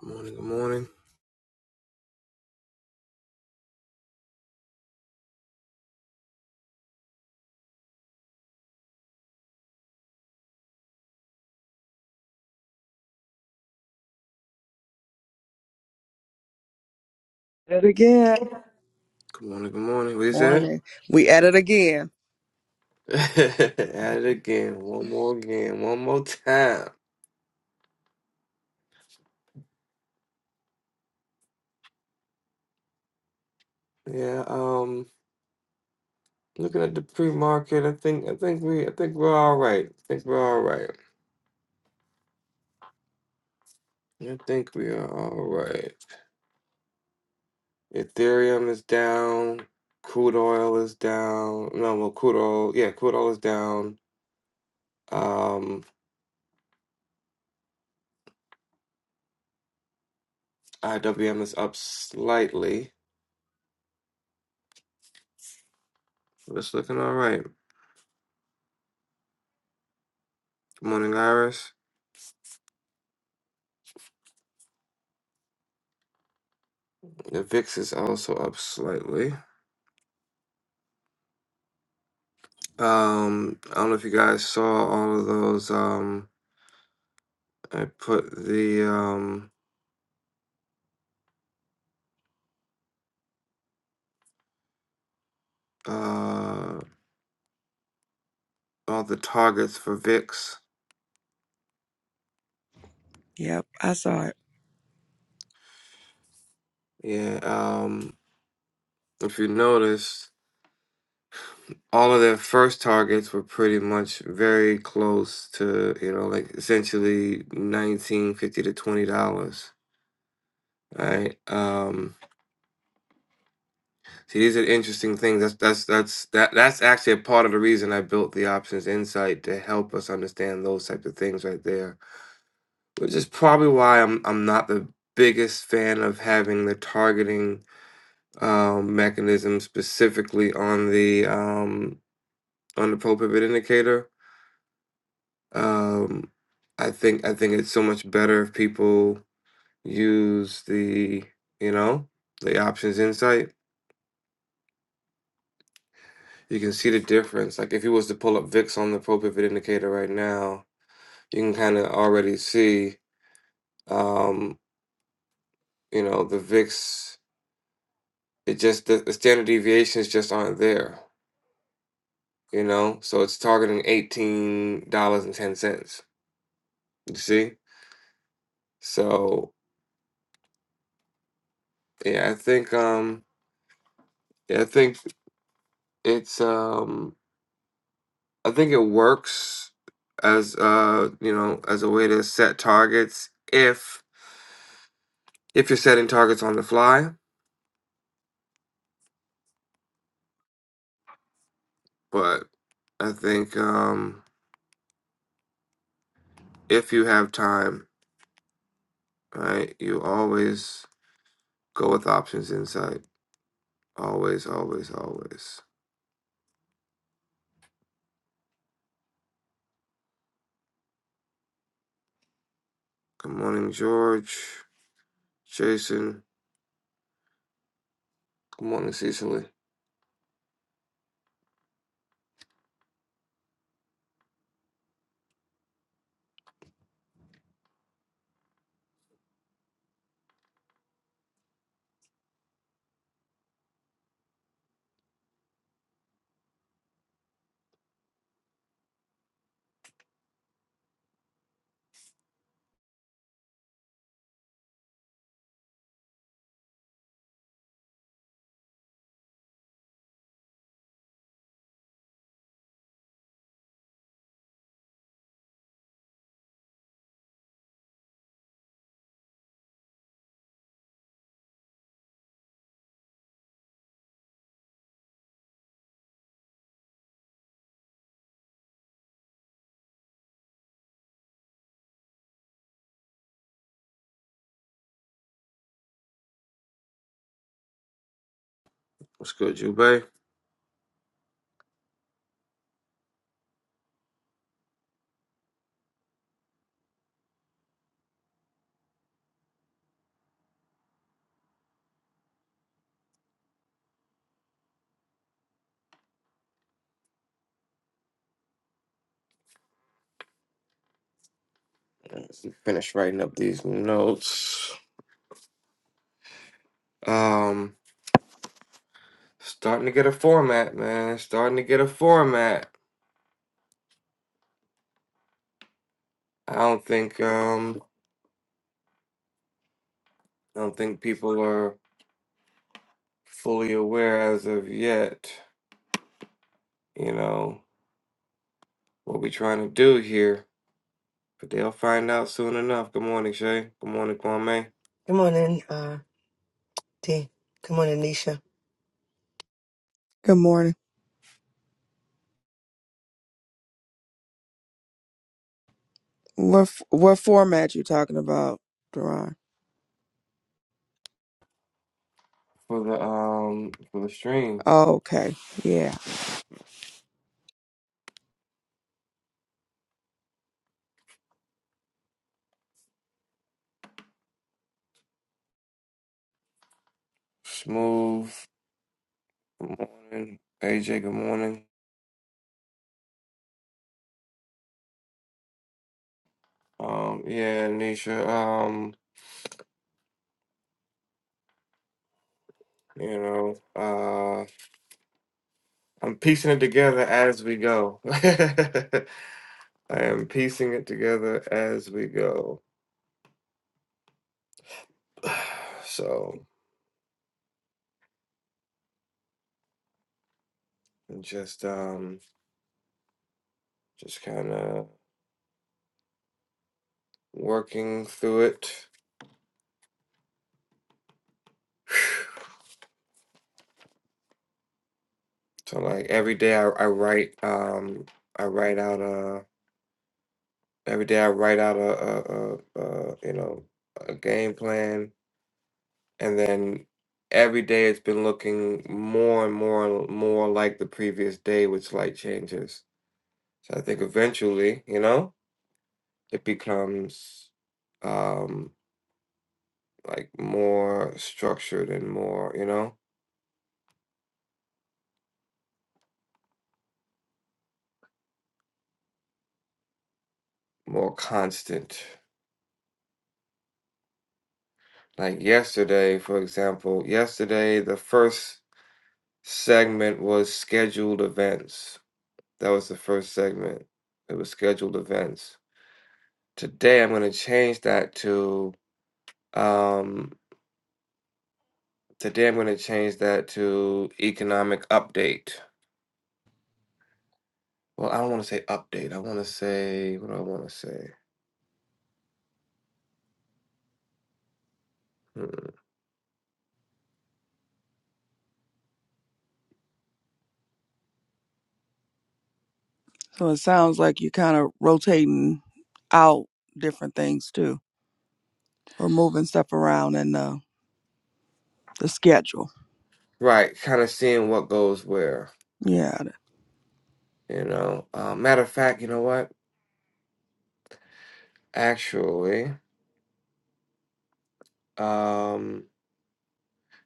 Good morning, good morning. At it again. Good morning, good morning. What is that? Morning. We at it again. At it again. One more again. One more time. Yeah, um looking at the pre-market, I think I think we I think we're all right. I think we're all right. I think we are all right. Ethereum is down. Crude oil is down. No, well, crude oil, yeah, crude oil is down. Um, IWM is up slightly. it's looking all right. Good morning, Iris. The VIX is also up slightly. Um, I don't know if you guys saw all of those. Um, I put the um uh all the targets for VIX. Yep, I saw it. Yeah. Um, if you noticed, all of their first targets were pretty much very close to you know like essentially nineteen fifty to twenty dollars. Right. Um, see, these are interesting things. That's that's that's that that's actually a part of the reason I built the options insight to help us understand those types of things right there which is probably why I'm I'm not the biggest fan of having the targeting um, mechanism specifically on the um, on the pro pivot indicator. Um, I think I think it's so much better if people use the you know the options insight. You can see the difference. Like if you was to pull up VIX on the pro pivot indicator right now, you can kind of already see um, you know the VIX. It just the, the standard deviations just aren't there you know so it's targeting $18.10 you see so yeah i think um yeah, i think it's um i think it works as uh you know as a way to set targets if if you're setting targets on the fly but i think um if you have time right you always go with options insight always always always good morning george jason good morning cecily What's good, Jube? Finish writing up these notes. Um, starting to get a format, man. Starting to get a format. I don't think um, I don't think people are fully aware as of yet. You know what we trying to do here, but they'll find out soon enough. Good morning, Shay. Good morning, Kwame. Good morning, uh, D. Good morning, Nisha. Good morning. What f- what format you talking about, Duran? For the um, for the stream, Oh, okay. Yeah. smooth. Good morning, AJ. Good morning. Um, yeah, Nisha. Um. You know, uh, I'm piecing it together as we go. I am piecing it together as we go. So just um, just kind of working through it. So like every day I, I write um, I write out a every day I write out a, a, a, a you know a game plan, and then every day it's been looking more and more and more like the previous day with slight changes So I think eventually, you know, it becomes um like more structured and more, you know, more constant. Like yesterday, for example, yesterday the first segment was scheduled events. That was the first segment. It was scheduled events. Today I'm going to change that to um today I'm going to change that to economic update. Well, I don't want to say update. I want to say what do I want to say? So it sounds like you're kind of rotating out different things too, or moving stuff around in the the schedule. Right, kind of seeing what goes where, Yeah. you know. Uh, matter of fact, you know what? Actually, um,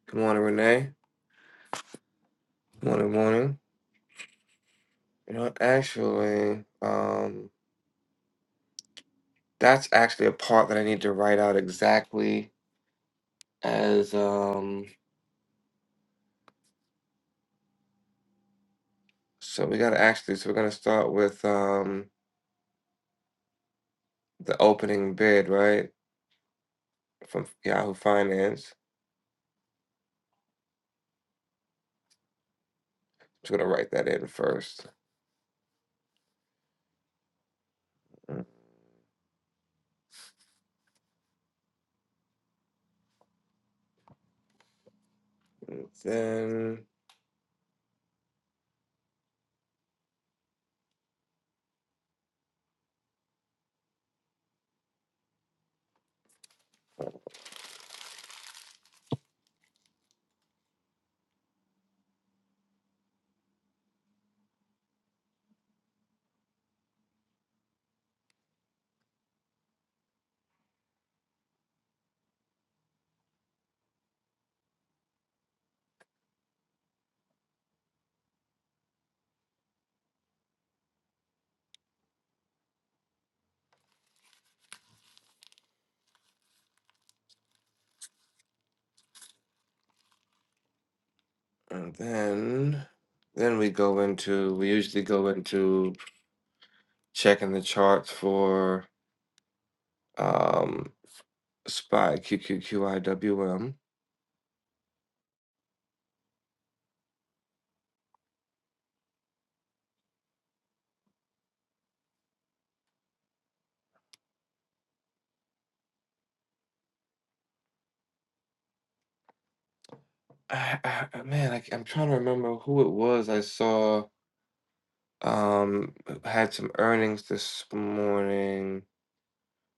good morning, Renee. Good morning, morning. You know, what? actually, um, that's actually a part that I need to write out exactly as, um, so we gotta actually, so we're gonna start with, um, the opening bid, right? From Yahoo Finance. Just gonna write that in first. And then. And then then we go into we usually go into checking the charts for um spy QQQIWM. I, W M. I, I, I- man, I, I'm trying to remember who it was I saw um had some earnings this morning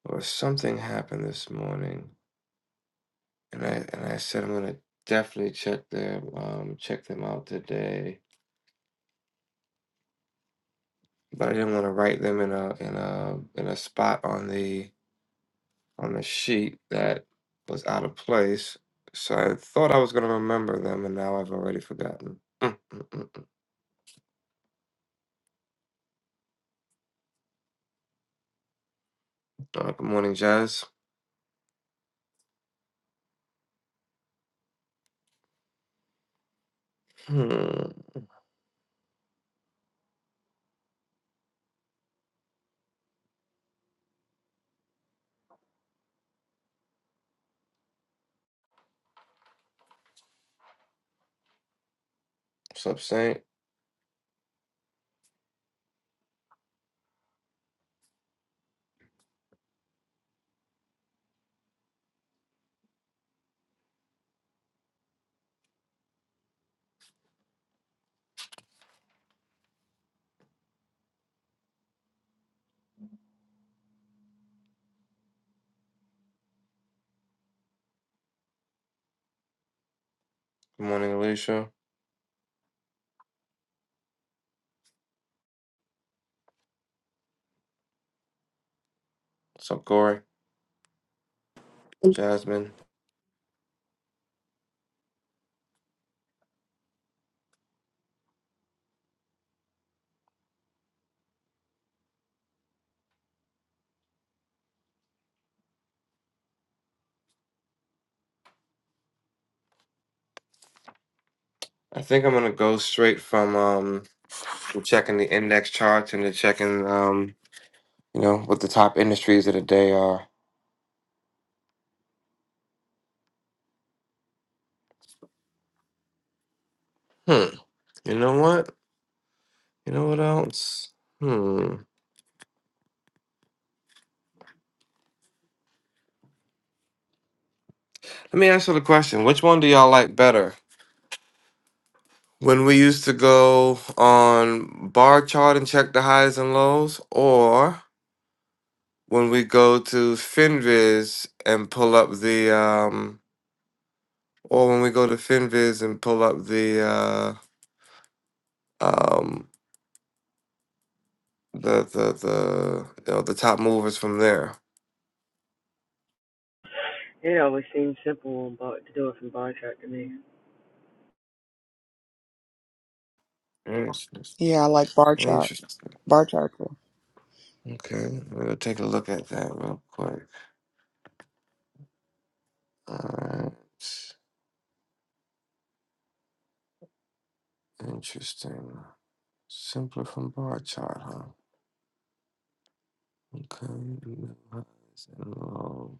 or something happened this morning and I and I said I'm gonna definitely check them um check them out today. But I didn't want to write them in a in a in a spot on the on the sheet that was out of place. So I thought I was going to remember them, and now I've already forgotten. Mm, mm, mm, mm. Uh, good morning, Jazz. Hmm. What's up, Saint? Good morning, Alicia. What's up, Corey? Jasmine. I think I'm going to go straight from um, from checking the index charts into checking, um, you know, what the top industries of the day are. Hmm. You know what? You know what else? Hmm. Let me answer the question. Which one do y'all like better? When we used to go on bar chart and check the highs and lows, or when we go to FinViz and pull up the, um, or when we go to FinViz and pull up the, uh, um, the the the you know the top movers from there. It always seems simple on to do it from bar chart to me. Interesting. Yeah, I like bar chart. Interesting. Bar chart. too. Okay, we'll take a look at that real quick. All right. Interesting. Simpler from bar chart, huh? Okay. no highs and lows.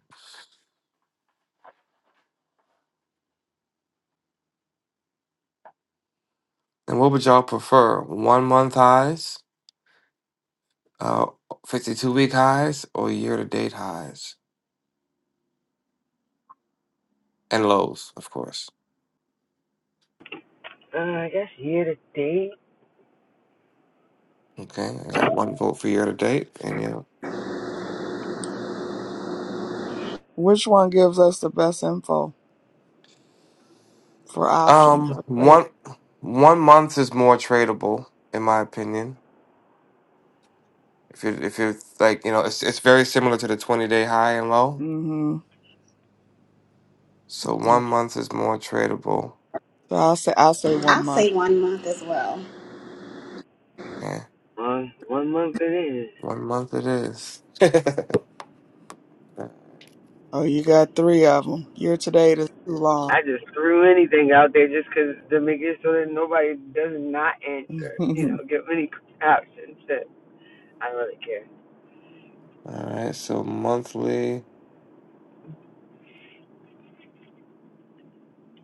And what would y'all prefer? One month highs, uh, 52 week highs, or year to date highs and lows, of course. Uh, I guess year to date, Okay. I got one vote for year to date. And yeah. Which one gives us the best info for options Um, or trade? one, one month is more tradable, in my opinion. If you if you're like, you know, it's, it's very similar to the 20 day high and low. Mm-hmm. So Yeah. one month is more tradable. So I'll say I'll say I one month. say one month as well. Okay. one one month it is. One month it is. All Oh, you got three of them. Your today is too long. I just threw anything out there just 'cause to make it so that nobody does not answer. You know, give any options that I don't really care. right. So monthly.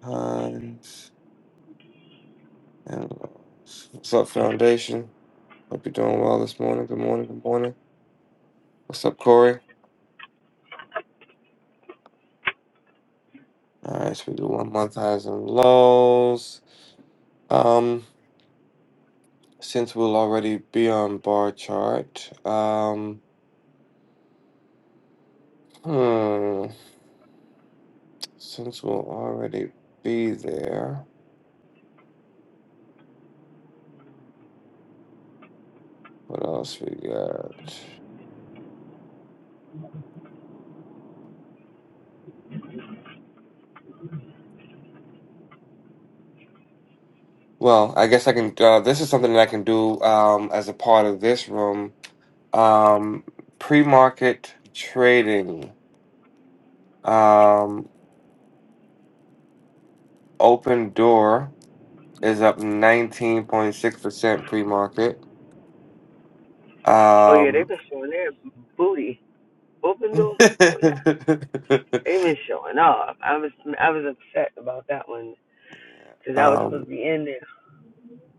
Hines and Laws. What's up, Foundation? Hope you're doing well this morning. Good morning. Good morning. What's up, Corey? All right, so we do one month highs and lows. Um, since we'll already be on bar chart. Um, hmm. Since we'll already be there, what else we got? Well, I guess I can. Uh, this is something that I can do um, as a part of this room. Um, pre-market trading. Um, Open Door is up 19.6% pre market. Oh yeah, they've Um, been showing their booty open door. Oh yeah, they've been showing off. I was I was upset about that one 'cause I was supposed um, to be in there.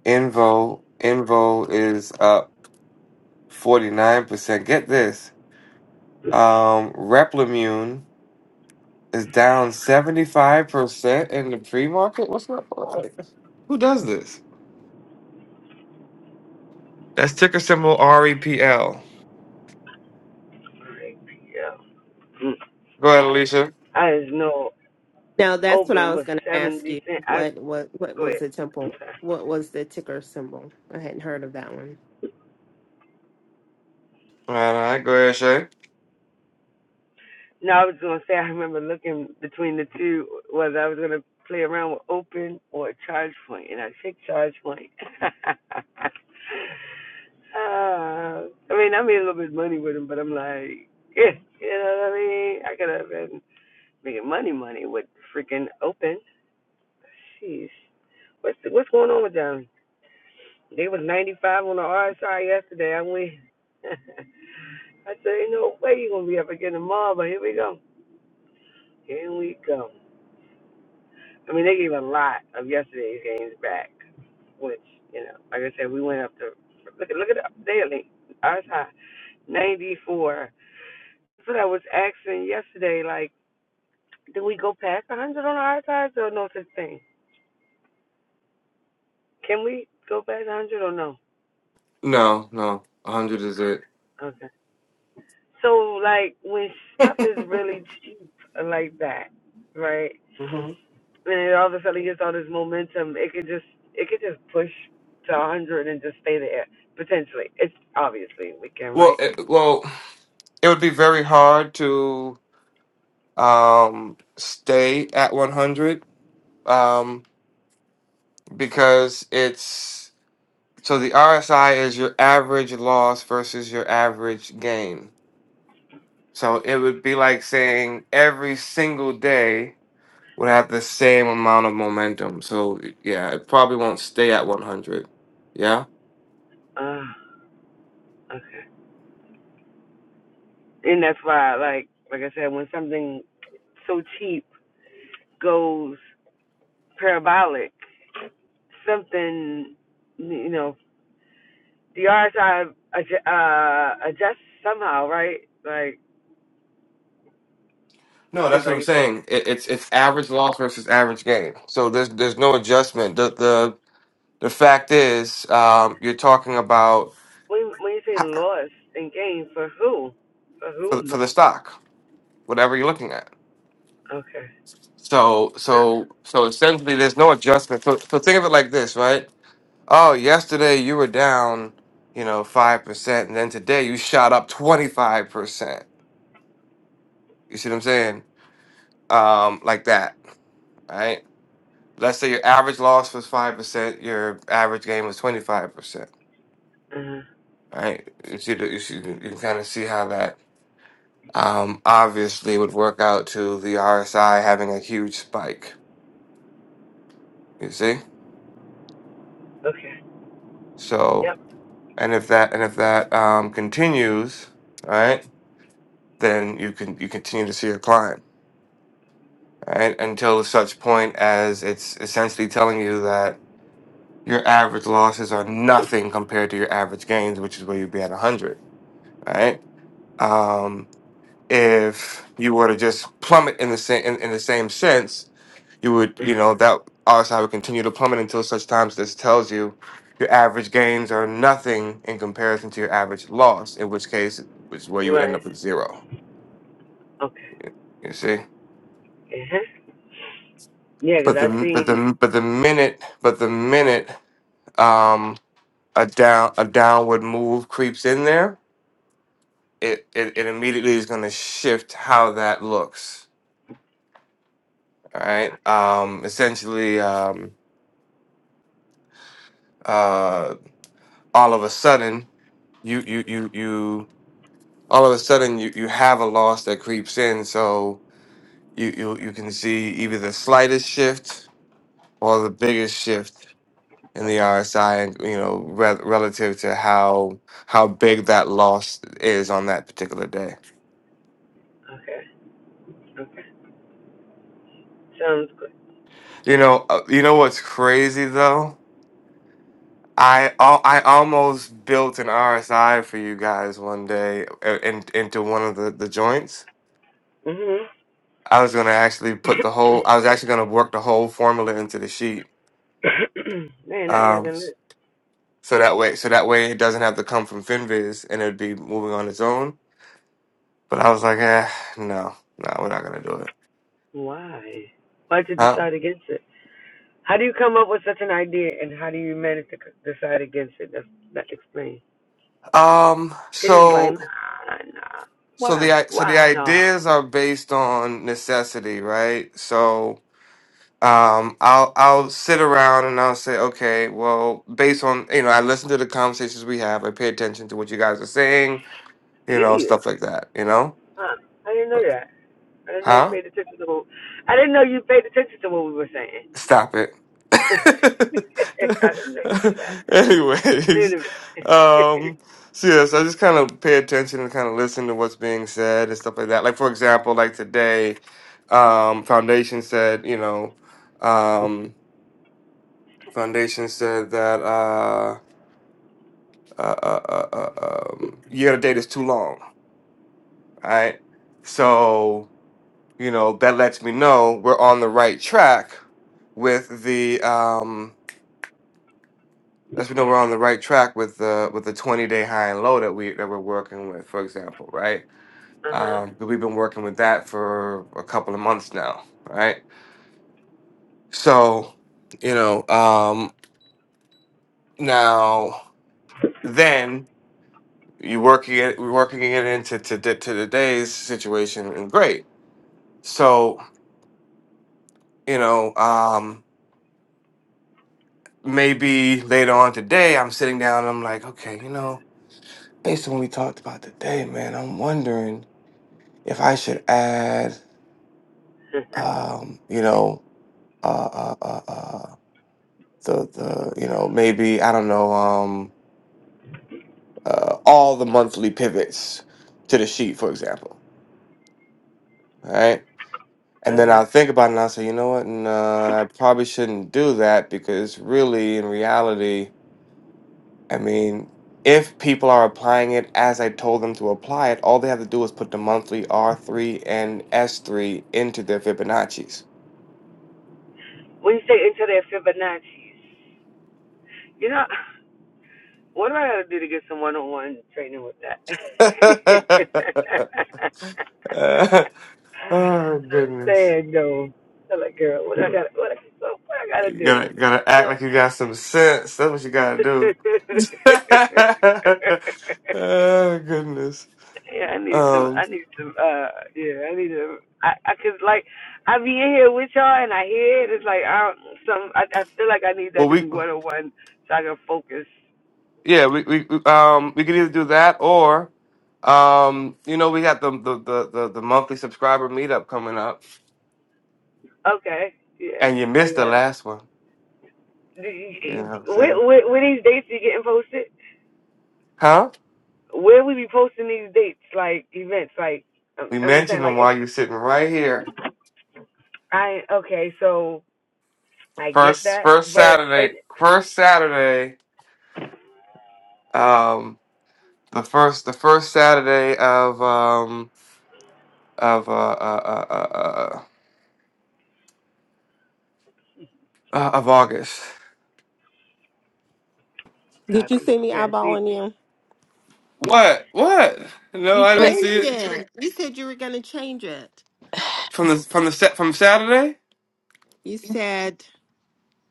Invo, Invo is up 49%. Get this. Um, Replimune is down 75% in the pre market. What's up? Like, who does this? That's ticker symbol REPL. yeah, Mm. Go ahead, Alicia. I just know. Now that's what I open was was going to ask seventy you. cent. I What what what go was ahead. the temple? What was the ticker symbol? I hadn't heard of that one. All right, all right. go ahead, Shay. No, I was gonna say I remember looking between the two whether I was gonna play around with open or charge point, and I picked charge point. uh, I mean, I made a little bit of money with him, but I'm like, yeah, you know what I mean? I could have been making money, money with freaking open. Jeez, what's what's going on with them? They was 95 on the RSI yesterday. I went. I said, ain't no way you're going to be up again tomorrow, but here we go. Here we go. I mean, they gave a lot of yesterday's games back, which, you know, like I said, we went up to, look at, look at the daily, ours high, 94. That's what I was asking yesterday, like, do we go past 100 on our size or no such thing? Can we go past 100 or no? No, no. 100 is it. Okay. So, like, when stuff is really cheap like that, right? and all of a sudden he gets all this momentum, it could just it could just push to a hundred and just stay there potentially. It's obviously we can, Well, right? it, well, it would be very hard to um, stay at 100 um, because it's so the RSI is your average loss versus your average gain. So it would be like saying every single day would have the same amount of momentum. So yeah, it probably won't stay at 100. Yeah. Uh, okay, and that's why, like like I said, when something so cheap goes parabolic, something you know the RSI adj- uh, adjusts somehow, right? Like No, because that's what like I'm you said, saying. It, it's it's average loss versus average gain. So there's there's no adjustment. The the The fact is, um, you're talking about when when you say h- loss and gain for who, for for, whom? for the stock, whatever you're looking at. Okay. So, so, so essentially, there's no adjustment. So, so think of it like this, right? Oh, yesterday you were down, you know, five percent, and then today you shot up twenty five percent. You see what I'm saying? Um, like that, right? Let's say your average loss was five percent, your average gain was twenty five percent, uh right? You see, the, you see, you can kind of see how that um, obviously would work out to the RSI having a huge spike. You see, Okay. Yep. so and if that and if that um, continues, right, then you can you continue to see a climb, right, until such point as it's essentially telling you that your average losses are nothing compared to your average gains, which is where you'd be at hundred, right. Um, if you were to just plummet in the same in, in the same sense, you would, you know, that RSI would continue to plummet until such times this tells you your average gains are nothing in comparison to your average loss, in which case, which is where you would end Right. up with zero. Okay. You see, Uh-huh. Yeah. Cause but I the but seen. the but the minute but the minute um a down a downward move creeps in there, it it, it immediately is going to shift how that looks. All right, um, essentially, um, uh, all of a sudden, you, you, you, you. all of a sudden you, you have a loss that creeps in so you, you you can see either the slightest shift or the biggest shift in the RSI and you know re- relative to how how big that loss is on that particular day. Okay. Okay. Sounds good. You know uh, you know what's crazy though? I al- I almost built an RSI for you guys one day uh, in, into one of the, the joints. I was gonna actually put the Mhm. whole I was actually gonna work the whole formula into the sheet Man, that would have Um, been lit. So that way, so that way it doesn't have to come from Finviz and it'd be moving on its own. But I was like, eh, no, no, we're not gonna do it. Why? Why'd you Huh? decide against it? How do you come up with such an idea, and how do you manage to c- decide against it? That's that explains. Um. Cause he's like, So, nah, nah. so Why? the i- so the Why nah? ideas are based on necessity, right? So, um, I'll I'll sit around and I'll say, okay, well, based on you know, I listen to the conversations we have, I pay attention to what you guys are saying, you know, Gee, stuff like that, you know, huh? I didn't know that. I didn't know you huh? paid attention to what. I didn't know you paid attention to what we were saying. Stop it. I didn't know you did that. Wait Anyways, a minute. um, so yes, I just kind of pay attention and kind of listen to what's being said and stuff like that. Like for example, like today, um, Foundation said, you know, um, Foundation said that uh, uh, uh, uh, uh, um, year to date is too long, right? So you know that lets me know we're on the right track with the um lets me know we're on the right track with the with the 20 day high and low that we that we're working with, for example, right? Uh huh. Um, 'cause we've been working with that for a couple of months now, right? So, you know, um, now then you working it, we're working it into to, to to today's situation, and great. So, you know, um, maybe later on today, I'm sitting down, and I'm like, okay, you know, based on what we talked about today, man, I'm wondering if I should add um, you know, uh, uh, uh, uh, the the you know maybe I don't know um, uh, all the monthly pivots to the sheet, for example, right? And then okay. I'll think about it and I'll say, you know what, no, I probably shouldn't do that because really, in reality, I mean, if people are applying it as I told them to apply it, all they have to do is put the monthly R3 and S3 into their Fibonacci's. When you say into their Fibonacci's, you know, what do I gotta do to get some one-on-one training with that? oh, I'm goodness. saying though, I'm like, girl, what I gotta, what I, what I gotta You do? gotta gotta act No. like you got some sense. That's what you gotta do. oh goodness. Yeah, I need some. Um. I need some. Uh, yeah, I need to. I, I could like, I be in here with y'all and I hear it. It's like I don't, some. I, I feel like I need that Well, to be we one on one so I can focus. yeah we, we we, um we could either do that or um you know we got the the the the, the monthly subscriber meetup coming up Okay. Yeah. and you I missed the got. last one. You know it. what I'm saying? Where, where, where these dates be getting posted? Huh? Where we be posting these dates, like events, like I'm, We I'm just saying, mentioned like them if while you're sitting right here. I okay, so I get First that, first but and Saturday first Saturday um the first the first Saturday of um of uh, uh, uh, uh, uh, uh, of August. Did you copy, see me yeah, see, eyeballing you? What? What? No, You I didn't see changed it it. You said you were going to change it. from the from the set from Saturday. You said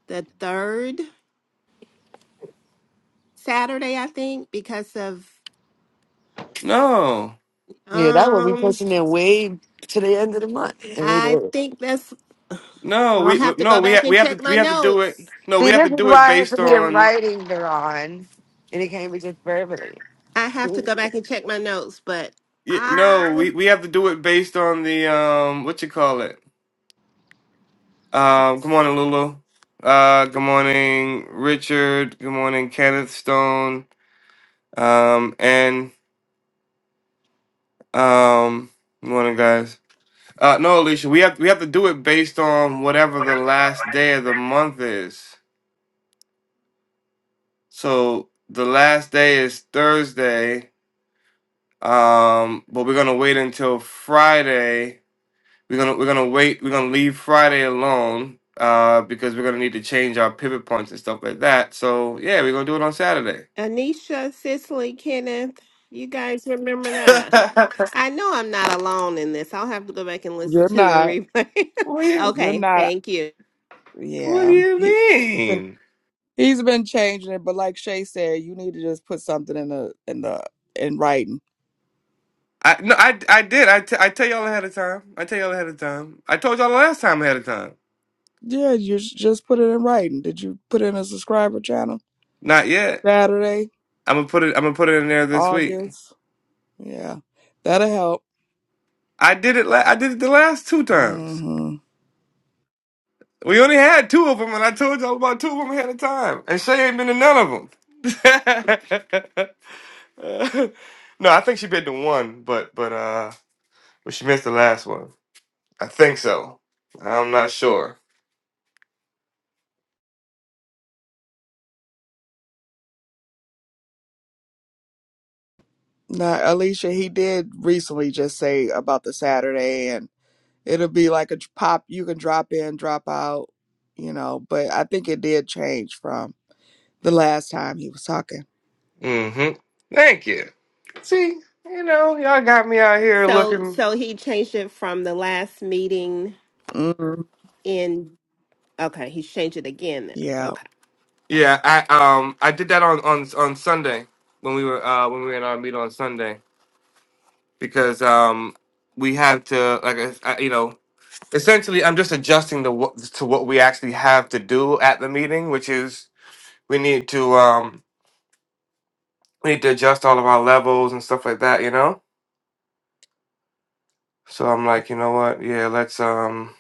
the third Saturday, I think, because of No, Yeah, that would be um. pushing it way to the end of the month. And we do. I it. think that's. no, I'll we we- have to no go we back ha- and we have check to my we have to do it. notes. No, See, we have to this is do it why it has to based be a on. writing, Duran, and it can't be just verbally. I have to go back and check my notes, but y- No, I we we have to do it based on the um what you call it. Um, good morning, Lulu. Uh, good morning, Richard. Good morning, Kenneth Stone. Um, and um, good morning, guys. Uh, no, Alicia, we have we have to do it based on whatever the last day of the month is. So the last day is Thursday, um, but we're gonna wait until Friday. We're gonna we're gonna wait. We're gonna leave Friday alone uh, because we're gonna need to change our pivot points and stuff like that. So yeah, we're gonna do it on Saturday. Anisha, Cicely, Kenneth, you guys remember that? I know I'm not alone in this. I'll have to go back and listen You're to the not. replay. what, do you, You're okay, not. thank you. what do Yeah. you He been- mean? he's been changing it, but like Shay said, you need to just put something in the in the in writing. I no, I I did. I, t- I tell y'all ahead of time. I tell y'all ahead of time. I told y'all last time ahead of time. Yeah, you should just put it in writing. Did you put in a subscriber channel Not yet. Saturday, I'm gonna put it. I'm gonna put it in there this week. August? Yeah, that'll help. I did it. La- I did it the last two times. hmm We only had two of them, and I told y'all about two of them ahead of time. And Shay ain't been to none of them. no, I think she been to one, but but uh, but she missed the last one. I think so. I'm not sure. Now, Alicia, he did recently just say about the Saturday It'll be like a dr- pop. You can drop in, drop out, you know. But I think it did change from the last time he was talking. Mm-hmm. Thank you. See, you know, y'all got me out here So, looking. so he changed it from the last meeting Mm, in. Okay, he's changed it again then. yeah. Okay, Yeah, I um, I did that on on on Sunday when we were uh when we were in our meet on Sunday. because um we have to like I, I- you know essentially I'm just adjusting to what to what we actually have to do at the meeting, which is we need to um we need to adjust all of our levels and stuff like that, you know. So I'm like, you know what? Yeah, let's um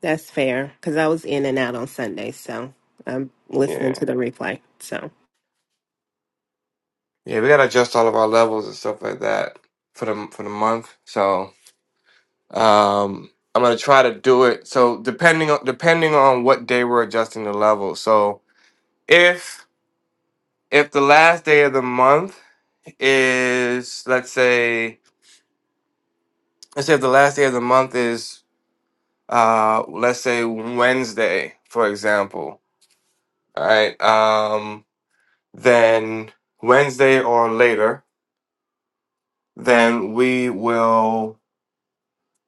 that's fair because I was in and out on Sunday, so I'm listening yeah to the replay. So yeah we gotta adjust all of our levels and stuff like that for the for the month. So um. I'm gonna try to do it. So depending on depending on what day we're adjusting the level. So if if the last day of the month is let's say let's say if the last day of the month is uh let's say Wednesday, for example, all right? Um then Wednesday or later, then we will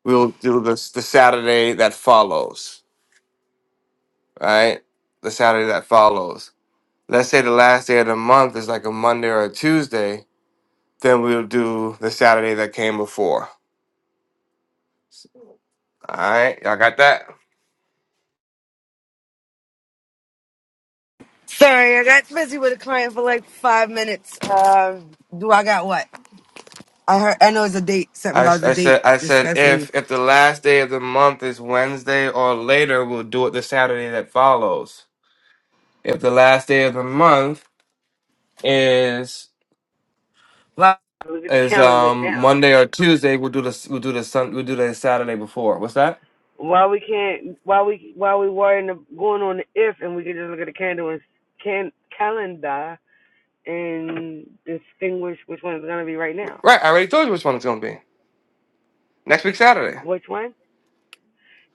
we'll do this the Saturday that follows, right? The Saturday that follows. Let's say the last day of the month is like a Monday or a Tuesday, then we'll do the Saturday that came before. All right, y'all got that? Sorry, I got busy with a client for like five minutes. Uh, do I got what? I heard. I know it's a date. Something I I about the date said I said discussing. if if the last day of the month is Wednesday or later, we'll do it the Saturday that follows. If the last day of the month is Well, Look at the is calendar um now. Monday or Tuesday, we'll do the we'll do the sun we'll do the Saturday before. What's that? Why we can't? Why we? Why we worrying of going on the if, and we can just look at the candle and can calendar and distinguish which one is gonna be right now. Right, I already told you which one it's gonna be. Next week Saturday. Which one?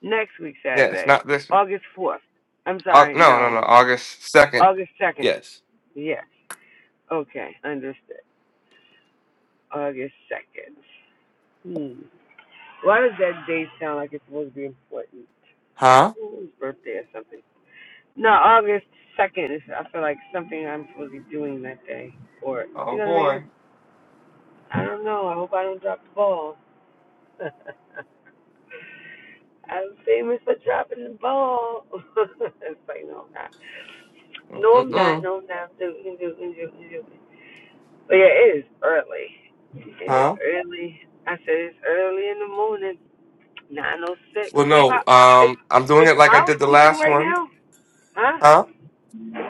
Next week Yes, Saturday, not this week. August fourth. I'm Au- sorry, no, no, no. no. August second. August 2nd. Yes. Yes. Okay. Understood. August 2nd. Hmm. Why does that date sound like it's supposed to be important? Huh? Ooh, his birthday or something. No, August 2nd is, I feel like, something I'm supposed to be doing that day. Or, you Oh know what I mean? boy. I don't know. I hope I don't drop the ball. I'm famous for dropping the ball. it's like, no, I'm not. No, I'm not. Mm-mm. No, I'm not. Do, do, do, do, do. But yeah, it is early. It is Huh? early. I said it's early in the morning. Nine oh six. Well, When no. pop pop it's Um, I'm doing it's it like I Powell did the speaking last right one. now? Huh? Huh?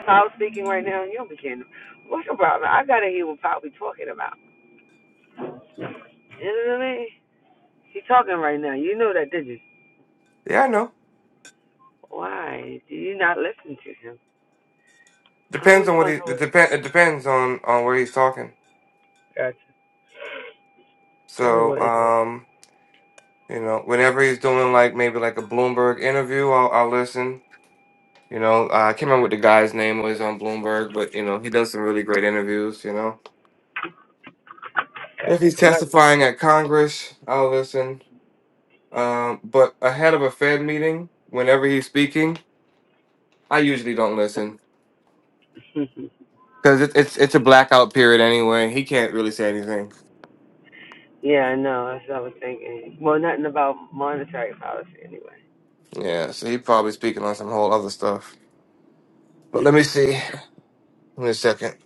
Powell speaking right now. You don't be kidding. What's your problem? I gotta hear what Powell be talking about. You know what I mean? He talking right now. You know that, did you? Yeah, I know. Why do you not listen to him? I Depends always on what he wonder it what. depend it depends on on where he's talking. Gotcha. So, Everyone is um, you know, whenever he's doing like maybe like a Bloomberg interview, I'll, I'll listen. You know, uh, I can't remember what the guy's name was on Bloomberg, but you know, he does some really great interviews. You know, if gotcha. he's Come on. testifying at Congress, I'll listen. Um, but ahead of a Fed meeting, whenever he's speaking, I usually don't listen because it, it's it's a blackout period anyway. He can't really say anything. yeah, I know. That's what I was thinking. Well, nothing about monetary policy anyway. Yeah, so he's probably speaking on some whole other stuff. But let me see. Wait a second.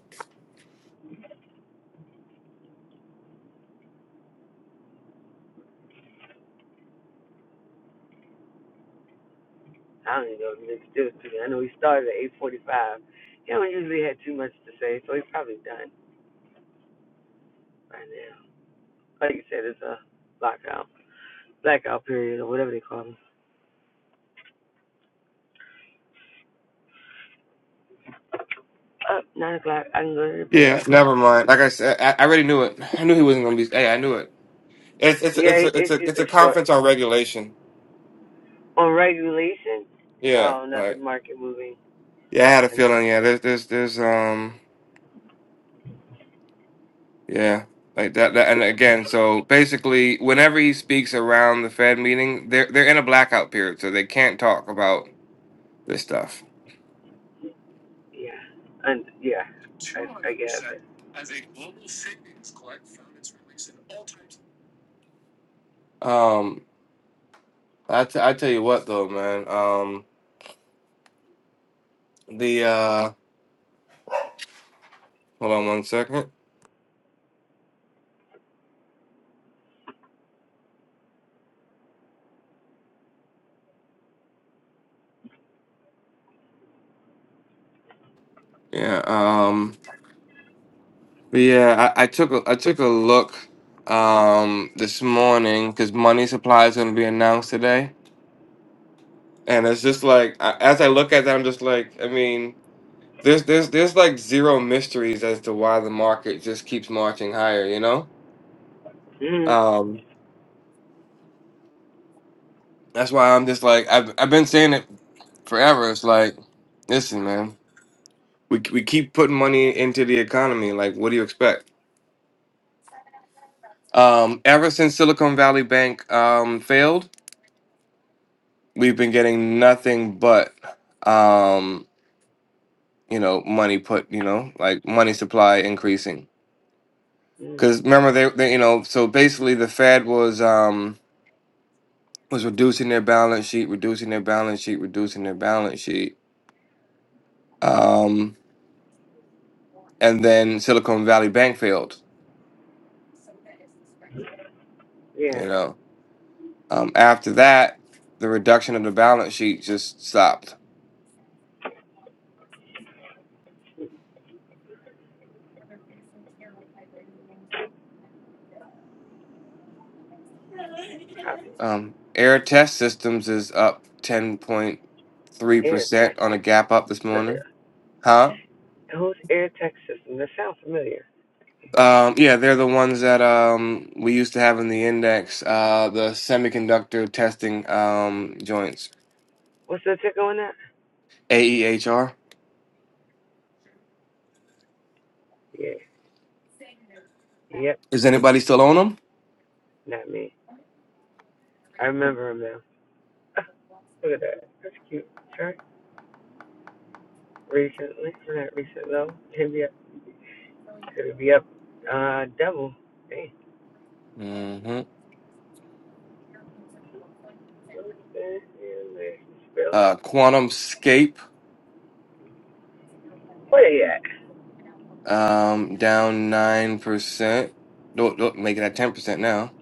I don't even know if Mr. Dill's I know he started at 8:45. He don't usually have too much to say, so he's probably done by now. Like you said, it's a blackout, blackout period or whatever they call it. Up nine o'clock, I can go to the bank. Yeah. Never mind. Like I said, I, I already knew it. I knew he wasn't gonna be. Hey, I knew it. It's it's Yeah, it's a, it's a it's it's usually a short. conference on regulation. On regulation, Yeah. oh, All nothing right. market moving. Yeah, I had a And feeling. Yeah. There's there's there's um yeah like that, that and again so basically whenever he speaks around the Fed meeting they're they're in a blackout period so they can't talk about this stuff. yeah, and yeah, I I get it. Um, I t- I tell you what though, man. Um, the uh, hold on one second. Yeah. Um. Yeah, I, I took a, I took a look um this morning because money supply is going to be announced today, and it's just like I, as I look at that, I'm just like, I mean, there's there's there's like zero mysteries as to why the market just keeps marching higher, you know. Mm-hmm. Um, that's why I'm just like I've I've been saying it forever. It's like, listen, man, we we keep putting money into the economy. Like, what do you expect? Um, ever since Silicon Valley Bank um failed. we've been getting nothing but um you know money put you know like money supply increasing mm because remember they, they you know so basically the fed was um was reducing their balance sheet reducing their balance sheet reducing their balance sheet um and then silicon valley bank failed Yeah, you know um after that the reduction of the balance sheet just stopped probably. um air test systems is up Air 10.3% on a Texas. gap up this morning huh Who's Air Texas? That sounds familiar. Um, yeah, they're the ones that um, we used to have in the index, uh, the semiconductor testing um, joints, What's the ticker on that? AEHR. Yeah. Yep. Is anybody still on Not me. I remember him now. Look at that. That's cute. Sure. Recently, not recent though. Could be up. Could be up. Uh, double. Hey. them? hmm Spill. Uh, Quantum Scape Where they at? um, down 9%. Don't, don't make it at 10% now.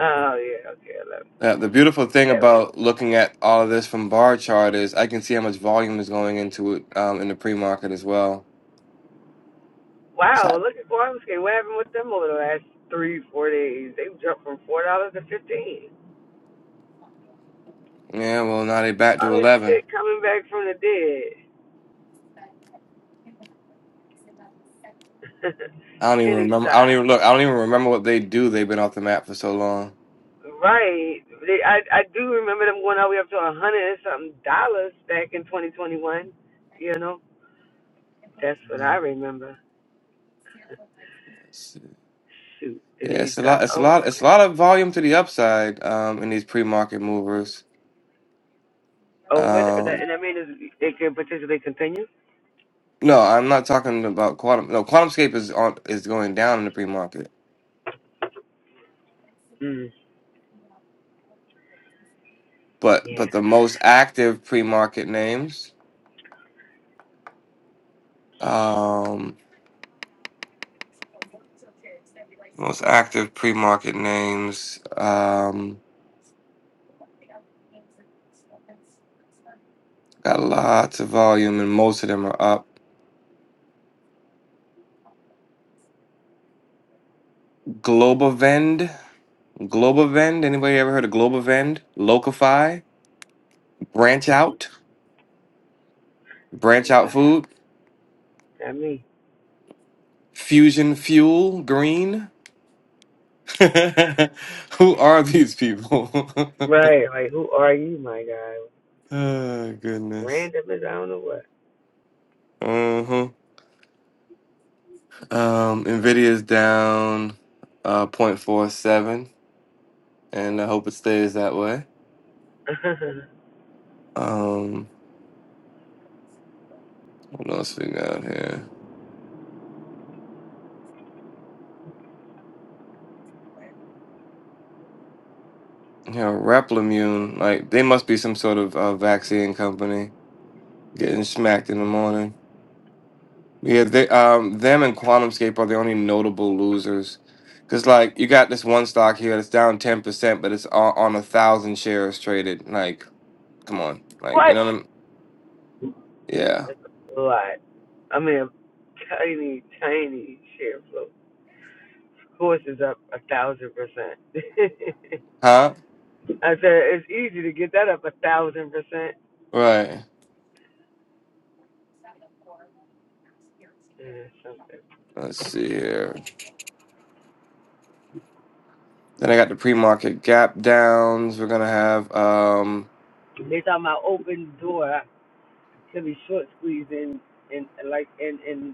Oh yeah. Okay. I love. It. Uh, the beautiful thing That was about looking at all of this from bar chart is I can see how much volume is going into it um, in the pre market as well. wow. Stop. Look at Guamsky. What happened with them over the last three, four days? They jumped from four dollars to fifteen. Yeah, well, now they dollars. back All to this 11. shit coming back from the dead. I don't even Penny remember. I stock. don't even look. I don't even remember what they do. They've been off the map for so long. Right. They, I I do remember them going all the way up to a hundred and something dollars back in 2021. You know, that's what I Mm, remember. let's see. Shoot, did Yeah, they it's a drop? lot. It's a Oh, wait, lot. It's a lot of volume to the upside um, in these pre-market movers. oh, what? that- Um, And that means they could potentially continue. no, I'm not talking about quantum. No, QuantumScape is on is going down in the pre-market. Mm. But Yeah. but the most active pre-market names, um, most active pre-market names, um, got lots of volume, and most of them are up. Global Vend. Global Vend. Anybody ever heard of Global Vend? Locify, Branch Out, Branch Out nah, Food, not me. Fusion Fuel, Green. Who are these people? Right. Like, who are you, my guy? oh, goodness. Random as I don't know what. Uh-huh. Um, Nvidia's down uh Point four seven. and I hope it stays that way. Um, what else we got here? Yeah, Replimune. Like they must be some sort of uh, vaccine company getting smacked in the morning. Yeah, they um them and QuantumScape are the only notable losers. Cause like you got this one stock here that's down ten percent, but it's on, on a thousand shares traded. Like, come on, like you what? know what I'm? Yeah, That's a lot. I mean, a tiny, tiny share float. Course is up a thousand percent. huh? I said it's easy to get that up a thousand percent. Right. Yeah, something. Let's see here. Then I got the pre-market gap downs. We're gonna have um, They talking about open door to be short squeezed and and like and and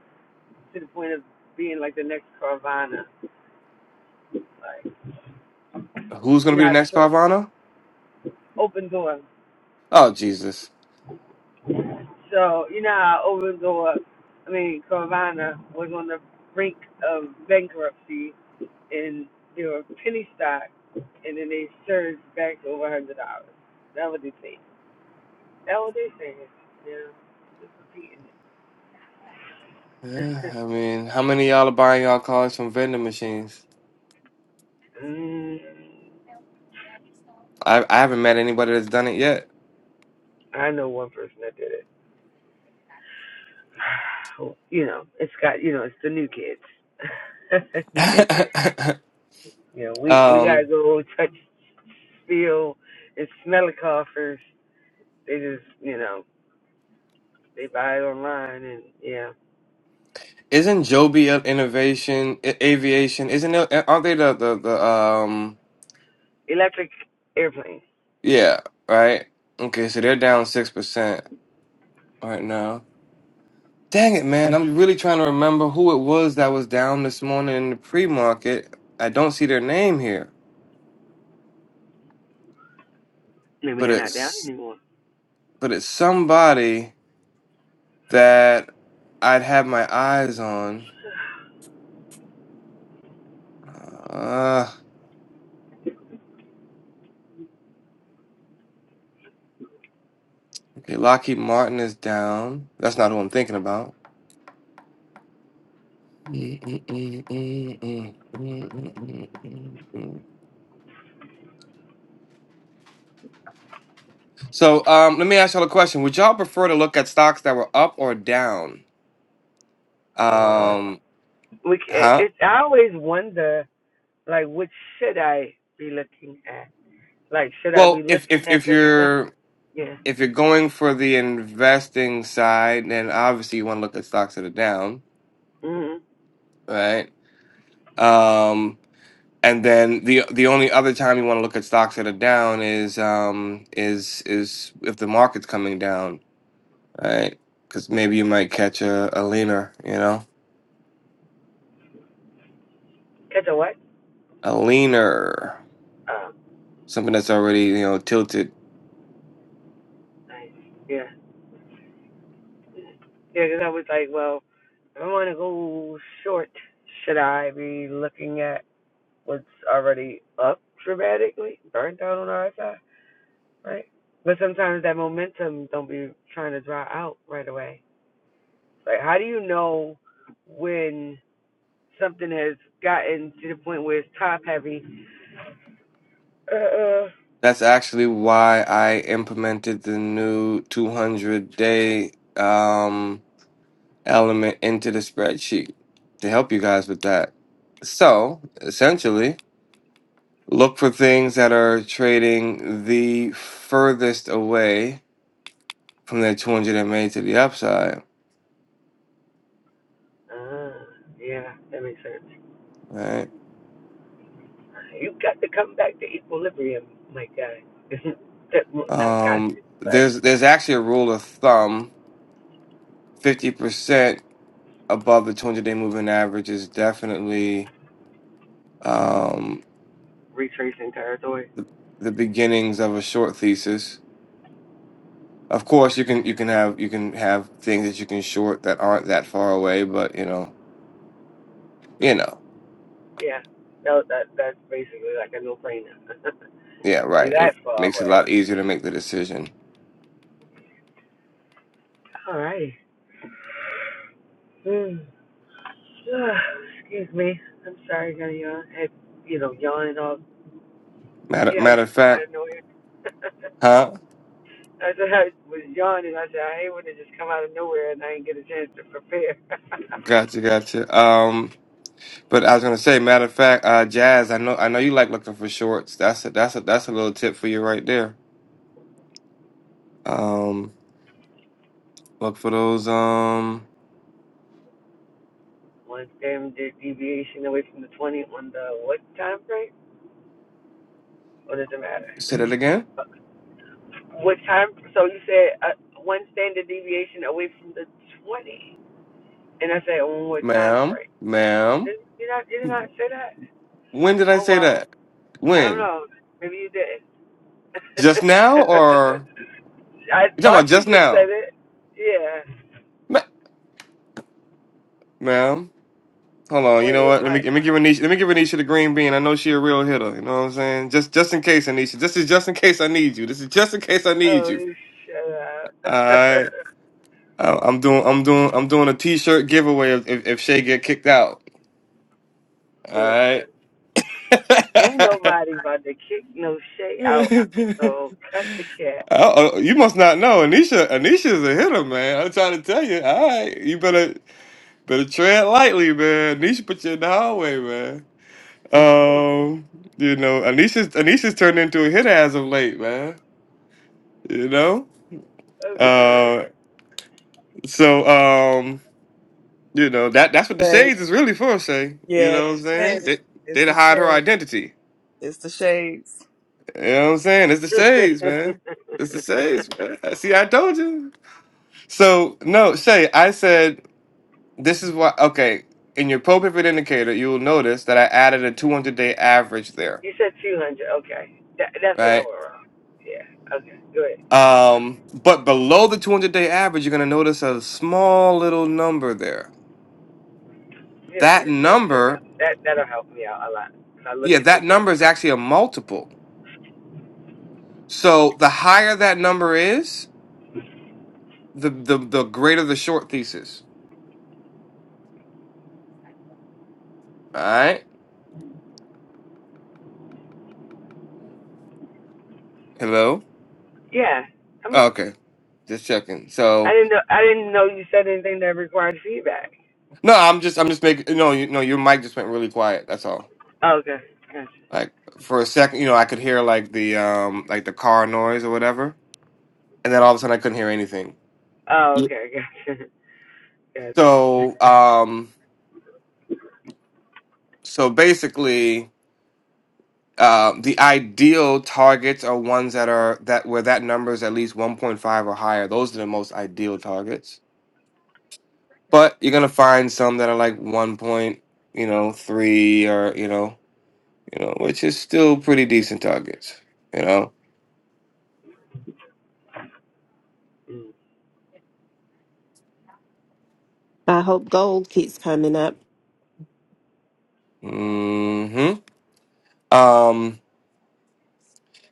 to the point of being like the next Carvana. Like who's gonna you know be the how next short Carvana? open door. Oh Jesus. So you know how open door I mean Carvana was on the brink of bankruptcy and they were penny stock and then they surged back to over a hundred dollars. That was the thing. Oh, they saying it. They're just repeating Yeah, it. I mean, how many of y'all are buying y'all cars from vending machines? I I haven't met anybody that's done it yet. mm, I know one person that did it. You know, it's got you know, it's the new kids. new kids, you know, we we um. gotta go touch, feel, and smell the coffers. They just you know they buy it online and yeah, Isn't Joby of Innovation I- Aviation? Isn't it? Aren't they the the, the um? electric airplanes. Yeah, right. Okay, so they're down six percent right now. Dang it, man! I'm really trying to remember who it was that was down this morning in the pre market. I don't see their name here, Maybe but they're not down it's anymore. but it's somebody that I'd have my eyes on. Uh, okay, Lockheed Martin is down. That's not who I'm thinking about. So um, let me ask y'all a question. Would y'all prefer to look at stocks that were up or down? Uh, Um, we ca- huh? it's I always wonder like what should I be looking at Like, should I be Well, if looking if at if this stuff? you're Yeah. if you're going for the investing side, then obviously you want to look at stocks that are down, Mm-hmm. right? Um, and then the the only other time you want to look at stocks that are down is um is is if the market's coming down, right? Because maybe you might catch a, a leaner, you know. Catch a what? a leaner, Oh, something that's already you know tilted. nice. Yeah. Yeah. Cause I was like, well, if I want to go short, should I be looking at what's already up dramatically, burnt down on our side, right? But sometimes that momentum don't be trying to dry out right away. Like, how do you know when something has gotten to the point where it's top heavy? Uh, uh, That's actually why I implemented the new 200 day um, element into the spreadsheet to help you guys with that. So essentially, look for things that are trading the furthest away from their 200 MA to the upside, uh yeah, that makes sense. right? You got to come back to equilibrium, my guy. That- Not got Um, to, but there's there's actually a rule of thumb: 50% above the 200 day moving average is definitely um, retracing territory. the, the beginnings of a short thesis. Of course, you can you can have you can have things that you can short that aren't that far away, but you know, you know, Yeah. No, that that's basically like a no-brainer. yeah, you right. that It far makes away. it a lot Like, easier to make the decision. All righty. Hmm. Excuse me. I'm sorry, I got a yawn. I Had you know yawn and all. Matter Yeah, it matter of just come out fact, of nowhere. huh? I said I was yawning. I said I hate when it just come out of nowhere and I didn't get a chance to prepare. Gotcha, gotcha. Um, but I was gonna say, matter of fact, uh, Jazz, I know I know you like looking for shorts. That's a that's a that's a little tip for you right there. Um, look for those. Um, One standard deviation away from the 20 on the what time frame? Or does it say matter? that again. Uh, What time? So you said uh, one standard deviation away from the 20. And I said, on what time Ma'am, frame? ma'am, Did, did, I, did you not say that? when did I Oh, say well, that? I don't When? know. Maybe you did. Just now or I you talking thought about you just just said now? it. Yeah. Ma- ma'am, hold on. You Wait, know what? Let me what? let me give Anisha let me give Anisha the green bean. I know she a real hitter. You know what I'm saying? Just just in case, Anisha. This is just in case I need you. This is just in case I need Oh, you. shut All up. right. I- I'm doing I'm doing I'm doing a t-shirt giveaway if if, if Shay get kicked out. All Listen. right. Ain't nobody about to kick no shit out. So cut the cat. Oh, oh, you must not know. Anisha, Anisha's a hitter, man. I'm trying to tell you. All right, you better better tread lightly, man. Anisha put you in the hallway, man. Um, you know, Anisha's Anisha's turned into a hitter as of late, man. You know, I'm crying. uh, so um, you know that that's what the Right. shades is really for, Shay. You Yeah. know what I'm saying? Shades. They It's they to the hide her shades. identity. It's the shades. You know what I'm saying? It's the you shades, man. It's the shades, man. See, I told you. So no, Shay, I said. This is why, okay, in your pro pivot indicator, you will notice that I added a 200 day average there, said 200. Okay. That, that's where I right? went wrong. Yeah. Okay. Good. Um, but below the 200 day average, you're going to notice a small little number there. Let me open That this damn thing number, up. That, that'll help me out a lot. 'Cause I look yeah, at this that white number is tongue. actually a multiple. So the higher that number is, the the, the greater the short thesis. All right. Hello. Yeah. I'm Oh, listening. okay. Just checking. I So didn't know, I didn't know you said anything that required feedback. no, I'm just I'm just making no you no your mic just went really quiet. That's all. Oh, Okay. Gotcha. Like for a second, you know, I could hear like the um like the car noise or whatever, and then all of a sudden I couldn't hear anything. Oh, Yeah. okay. Gotcha. Gotcha. So, um, so basically, uh, the ideal targets are ones that are that where that number is at least 1.5 or higher. Those are the most ideal targets. But you're gonna find some that are like 1 point, you know, three or you know, you know, which is still pretty decent targets. You know. Mm. I hope gold keeps coming up. Hmm. Um.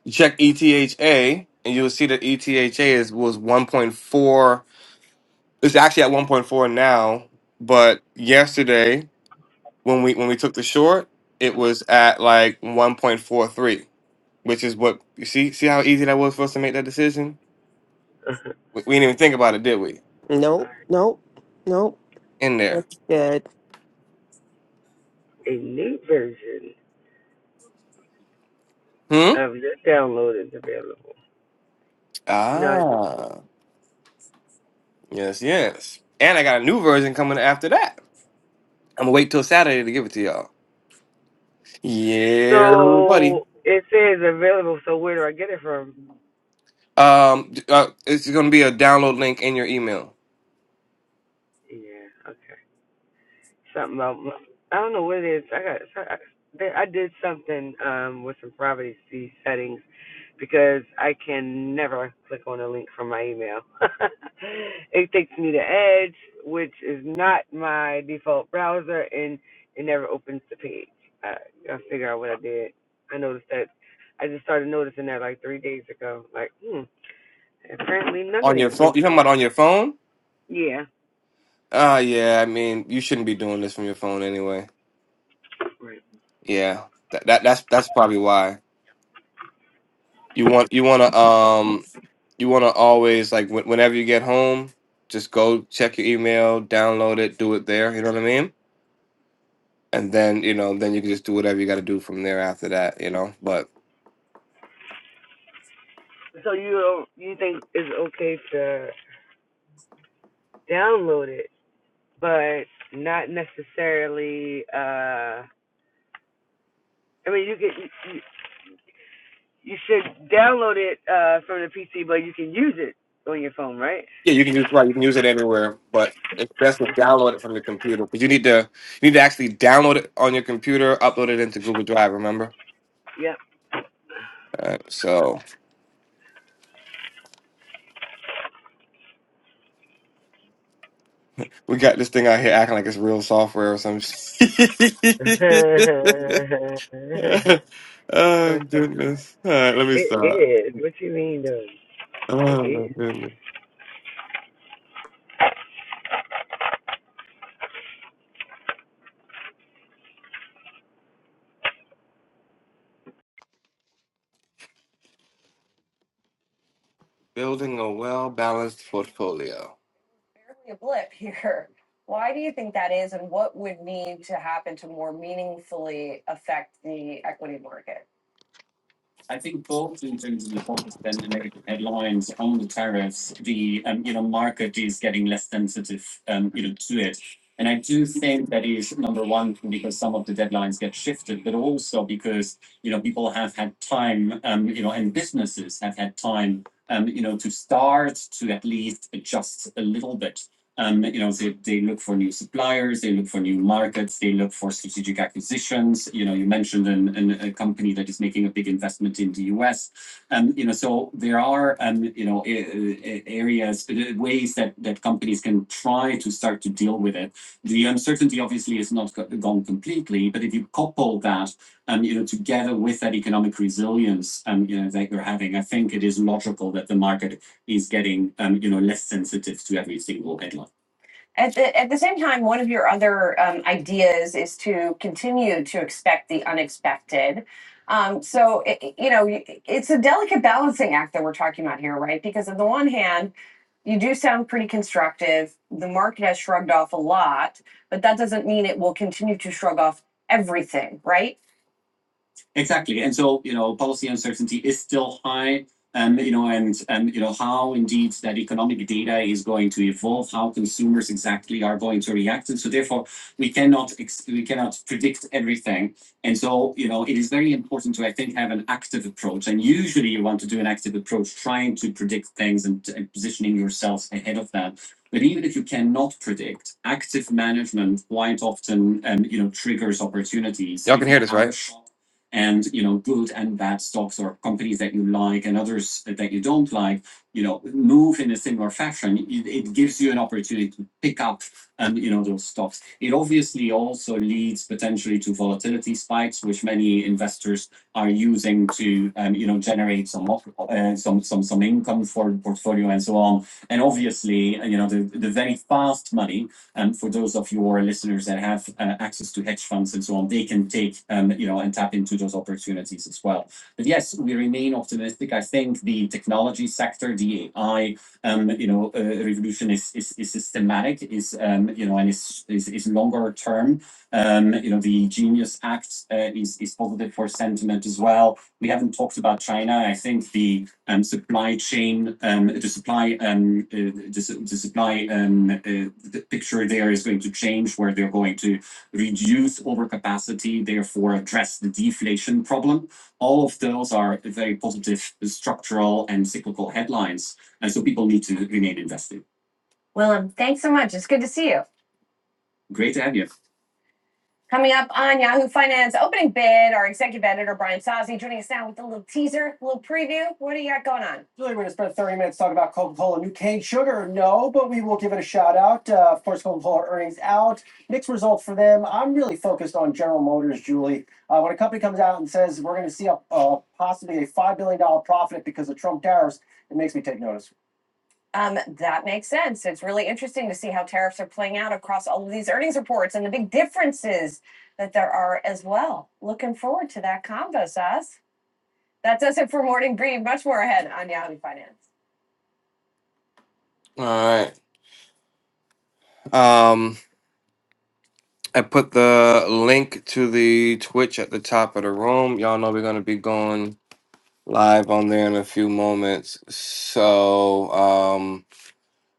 You check ETHA, and you'll see that ETHA is was 1.4. It's actually at 1.4 now, but yesterday when we when we took the short, it was at like 1.43, which is what you see. See how easy that was for us to make that decision. All We, we didn't even think about it, did we? Nope, right. nope, nope. In there, That's good. A new version. hmm. I've just downloaded it's available. No, I just Ah, yes, yes. And I got a new version coming after that. I'm gonna wait till Saturday to give it to y'all. Yeah, buddy. so it says available. So where do I get it from? Um, uh, it's going to be a download link in your email Yeah, okay. Something about I don't know what it is. I got I, I did something um with some privacy settings because I can never click on a link from my email. it takes me to Edge, which is not my default browser, and it never opens the page. I, I figure out what I did. I noticed that. I just started noticing that like three days ago. Like, hmm, apparently none of on these your phone. links You are talking about on working. your phone? Yeah. Ah, yeah. I mean, you shouldn't be doing this from your phone anyway. Right. Yeah, that, that that's that's probably why you want you want to um you want to always like wh- whenever you get home, just go check your email, download it, do it there. You know what I mean? And then you know, then you can just do whatever you got to do from there after that. You know, but So you you think it's okay to download it, but not necessarily. uh I mean, you can. You should download it uh, from the PC, but you can use it on your phone, right? Yeah, you can use right. You can use it anywhere, but it's best to Okay. download it from your computer because you need to you need to actually download it on your computer, upload it into Google Drive. Remember? Yep. Uh, so we got this thing out here acting like it's real software or some. shit. oh okay. goodness! All right, let me It stop. is. What you mean, though? It Oh is. my goodness! Building a well balanced portfolio. Barely a blip here. Why do you think that is, and what would need to happen to more meaningfully affect the equity market? I think both in terms of the focus and the negative headlines on the tariffs, the um, you know market is getting less sensitive um, you know to it. And I do think that is number one because some of the deadlines get shifted, but also because you know people have had time, um, you know, and businesses have had time, um, you know, to start to at least adjust a little bit. Um, you know, they, they look for new suppliers, they look for new markets, they look for strategic acquisitions. You know, you mentioned an, an, a company that is making a big investment in the US. Um, you know, so there are, um, you know, areas, uh, ways that, that companies can try to start to deal with it. The uncertainty obviously is not gone completely, but if you couple that, um, you know, together with that economic resilience, um, you know, that you're having, I think it is logical that the market is getting, um, you know, less sensitive to every single headline. At the, at the same time, one of your other um, ideas is to continue to expect the unexpected. Um, so, it, it- you know, y- it's a delicate balancing act that we're talking about here, right? Because on the one hand, you do sound pretty constructive. The market has shrugged off a lot, but that doesn't mean it will continue to shrug off everything, right? Exactly. And so, you know, policy uncertainty is still high. Um, you know, and and you know how indeed that economic data is going to evolve, how consumers exactly are going to react, and so therefore we cannot ex- we cannot predict everything. And so, you know, it is very important to I think have an active approach. And usually, you want to do an active approach, trying to predict things and, and positioning yourself ahead of that. But even if you cannot predict, active management quite often, um, you know, triggers opportunities. Y'all can hear this, right? and you know good and bad stocks or companies that you like and others that you don't like you know move in a similar fashion it, gives you an opportunity to pick up um, you know those stocks it obviously also leads potentially to volatility spikes which many investors are using to um, you know generate some uh, some some some income for the portfolio and so on and obviously uh, you know the, the very fast money and um, for those of your listeners that have uh, access to hedge funds and so on, they can take um, you know and tap into those opportunities as well. But yes, we remain optimistic. I think the technology sector, the AI, um, you know, uh, revolution is, is is systematic, is um, you know, and is is, is longer term. Um, you know, the Genius Act uh, is is positive for sentiment as well. We haven't talked about China. I think the um, supply chain, um, the supply, um, uh, the, the supply um, uh, the picture there is going to change, where they're going to reduce overcapacity, therefore address the deflation problem. All of those are very positive structural and cyclical headlines, and so people need to remain invested. Willem, thanks so much. It's good to see you. Great to have you. Coming up on Yahoo Finance opening bid, our executive editor Brian Sozzi joining us now with a little teaser, a little preview. What do you got going on? Really, we're going to spend 30 minutes talking about Coca Cola New Cane Sugar. No, but we will give it a shout out. Uh, of course, Coca Cola earnings out. Mixed results for them. I'm really focused on General Motors, Julie. Uh, when a company comes out and says we're going to see a, uh, possibly a $5 billion dollars profit because of Trump tariffs, it makes me take notice. Um, that makes sense. It's really interesting to see how tariffs are playing out across all of these earnings reports and the big differences that there are as well. Looking forward to that convo, Sas. That does it for Morning Breed. Much more ahead on Yahoo Finance. All right. Um, I put the link to the Twitch at the top of the room. Y'all know we're gonna be going live on there in a few moments. So, um,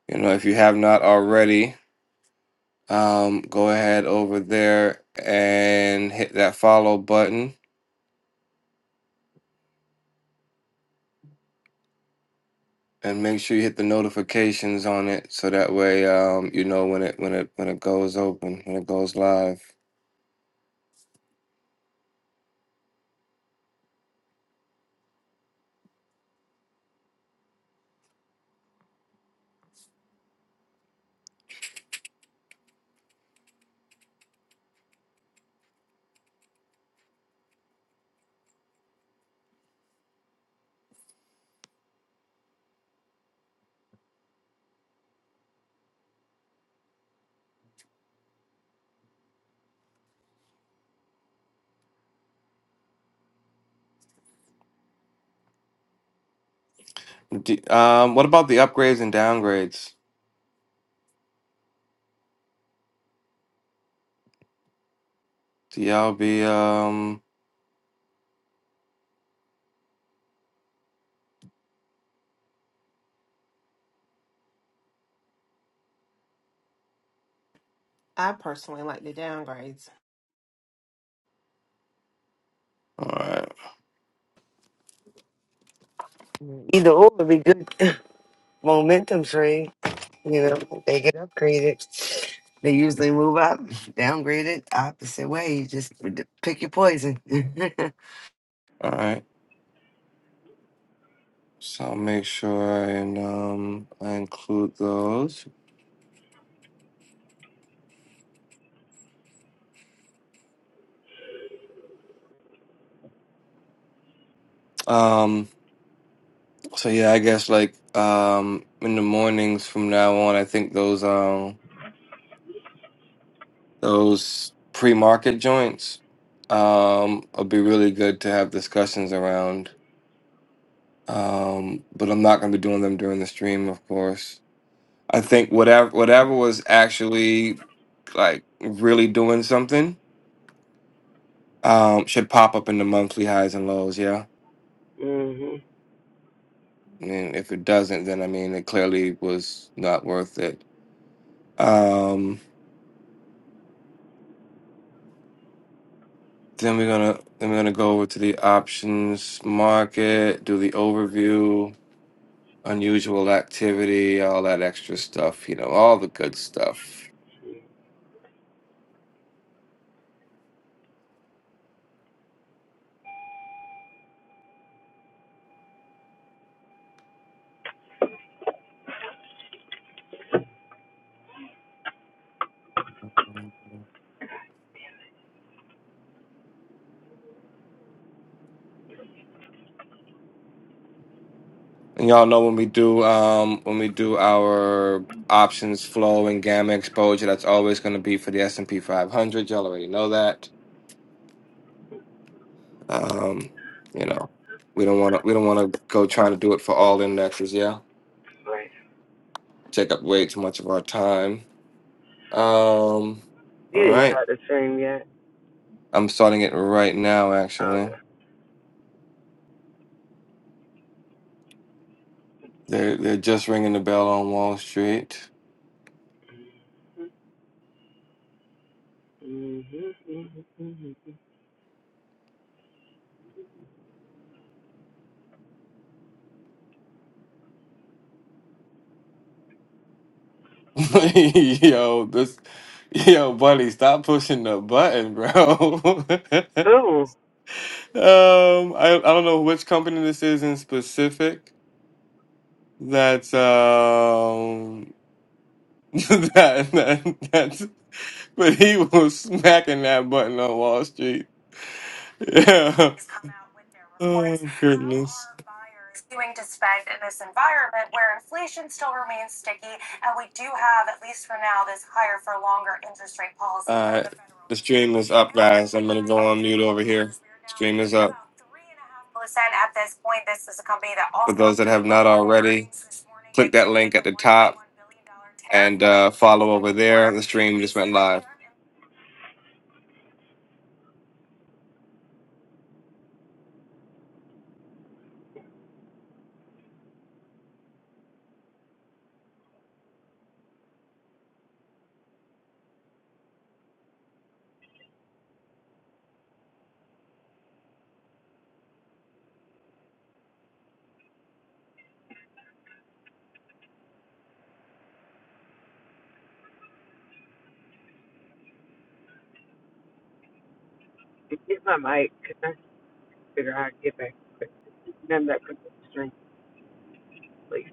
you know, if you have not already, um, go ahead over there and hit that follow button and make sure you hit the notifications on it so that way um, you know when it when it when it goes open when it goes live D- um, what about the upgrades and downgrades do y'all be um I personally like the downgrades. all right Either or would be good momentum trade. You know, they get upgraded. They usually move up, downgrade it, opposite way. You just d- pick your poison. Mhm. all right so i'll make sure i and um i include those um so yeah i guess like um in the mornings from now on i think those um, Those pre-market joints um, will be really good to have discussions around. Um, but I'm not going to be doing them during the stream, of course. I think whatever whatever was actually like really doing something um, should pop up in the monthly highs and lows. Yeah, I mean, if it doesn't, then I mean, it clearly was not worth it. Um, then we're gonna then we're gonna go over to the options market, do the overview. unusual activity, all that extra stuff, you know, all the good stuff. And y'all know when we do um when we do our options flow and gamma exposure, that's always going to be for the S and P 500. Y'all already know that. Um, you know, we don't want to we don't want to go trying to do it for all indexes. Yeah, Right. take up way too much of our time. Um, You all didn't right, start the stream yet. I'm starting it right now. Actually, Okay. they're they're just ringing the bell on Wall Street. Mhm. Mhm. Mhm. mhm. yo, this, yo, buddy, stop pushing the button, bro. um, Cool. I, I don't know which company this is in specific. That's um, that, that that's, but he was smacking that button on Wall Street. Yeah. Oh goodness. Continuing to spend in this environment where inflation still remains sticky. And we do have, at least for now, this higher for longer interest rate policy. All right, the stream is up, guys. I'm gonna go on mute over here. Stream is up. Percent at this point. This is a company that also. For those that have not already, click that link at the top and uh, follow over there. The stream just went live. Get my mic. because I can figure out how to get back. None of that comes with the string, please.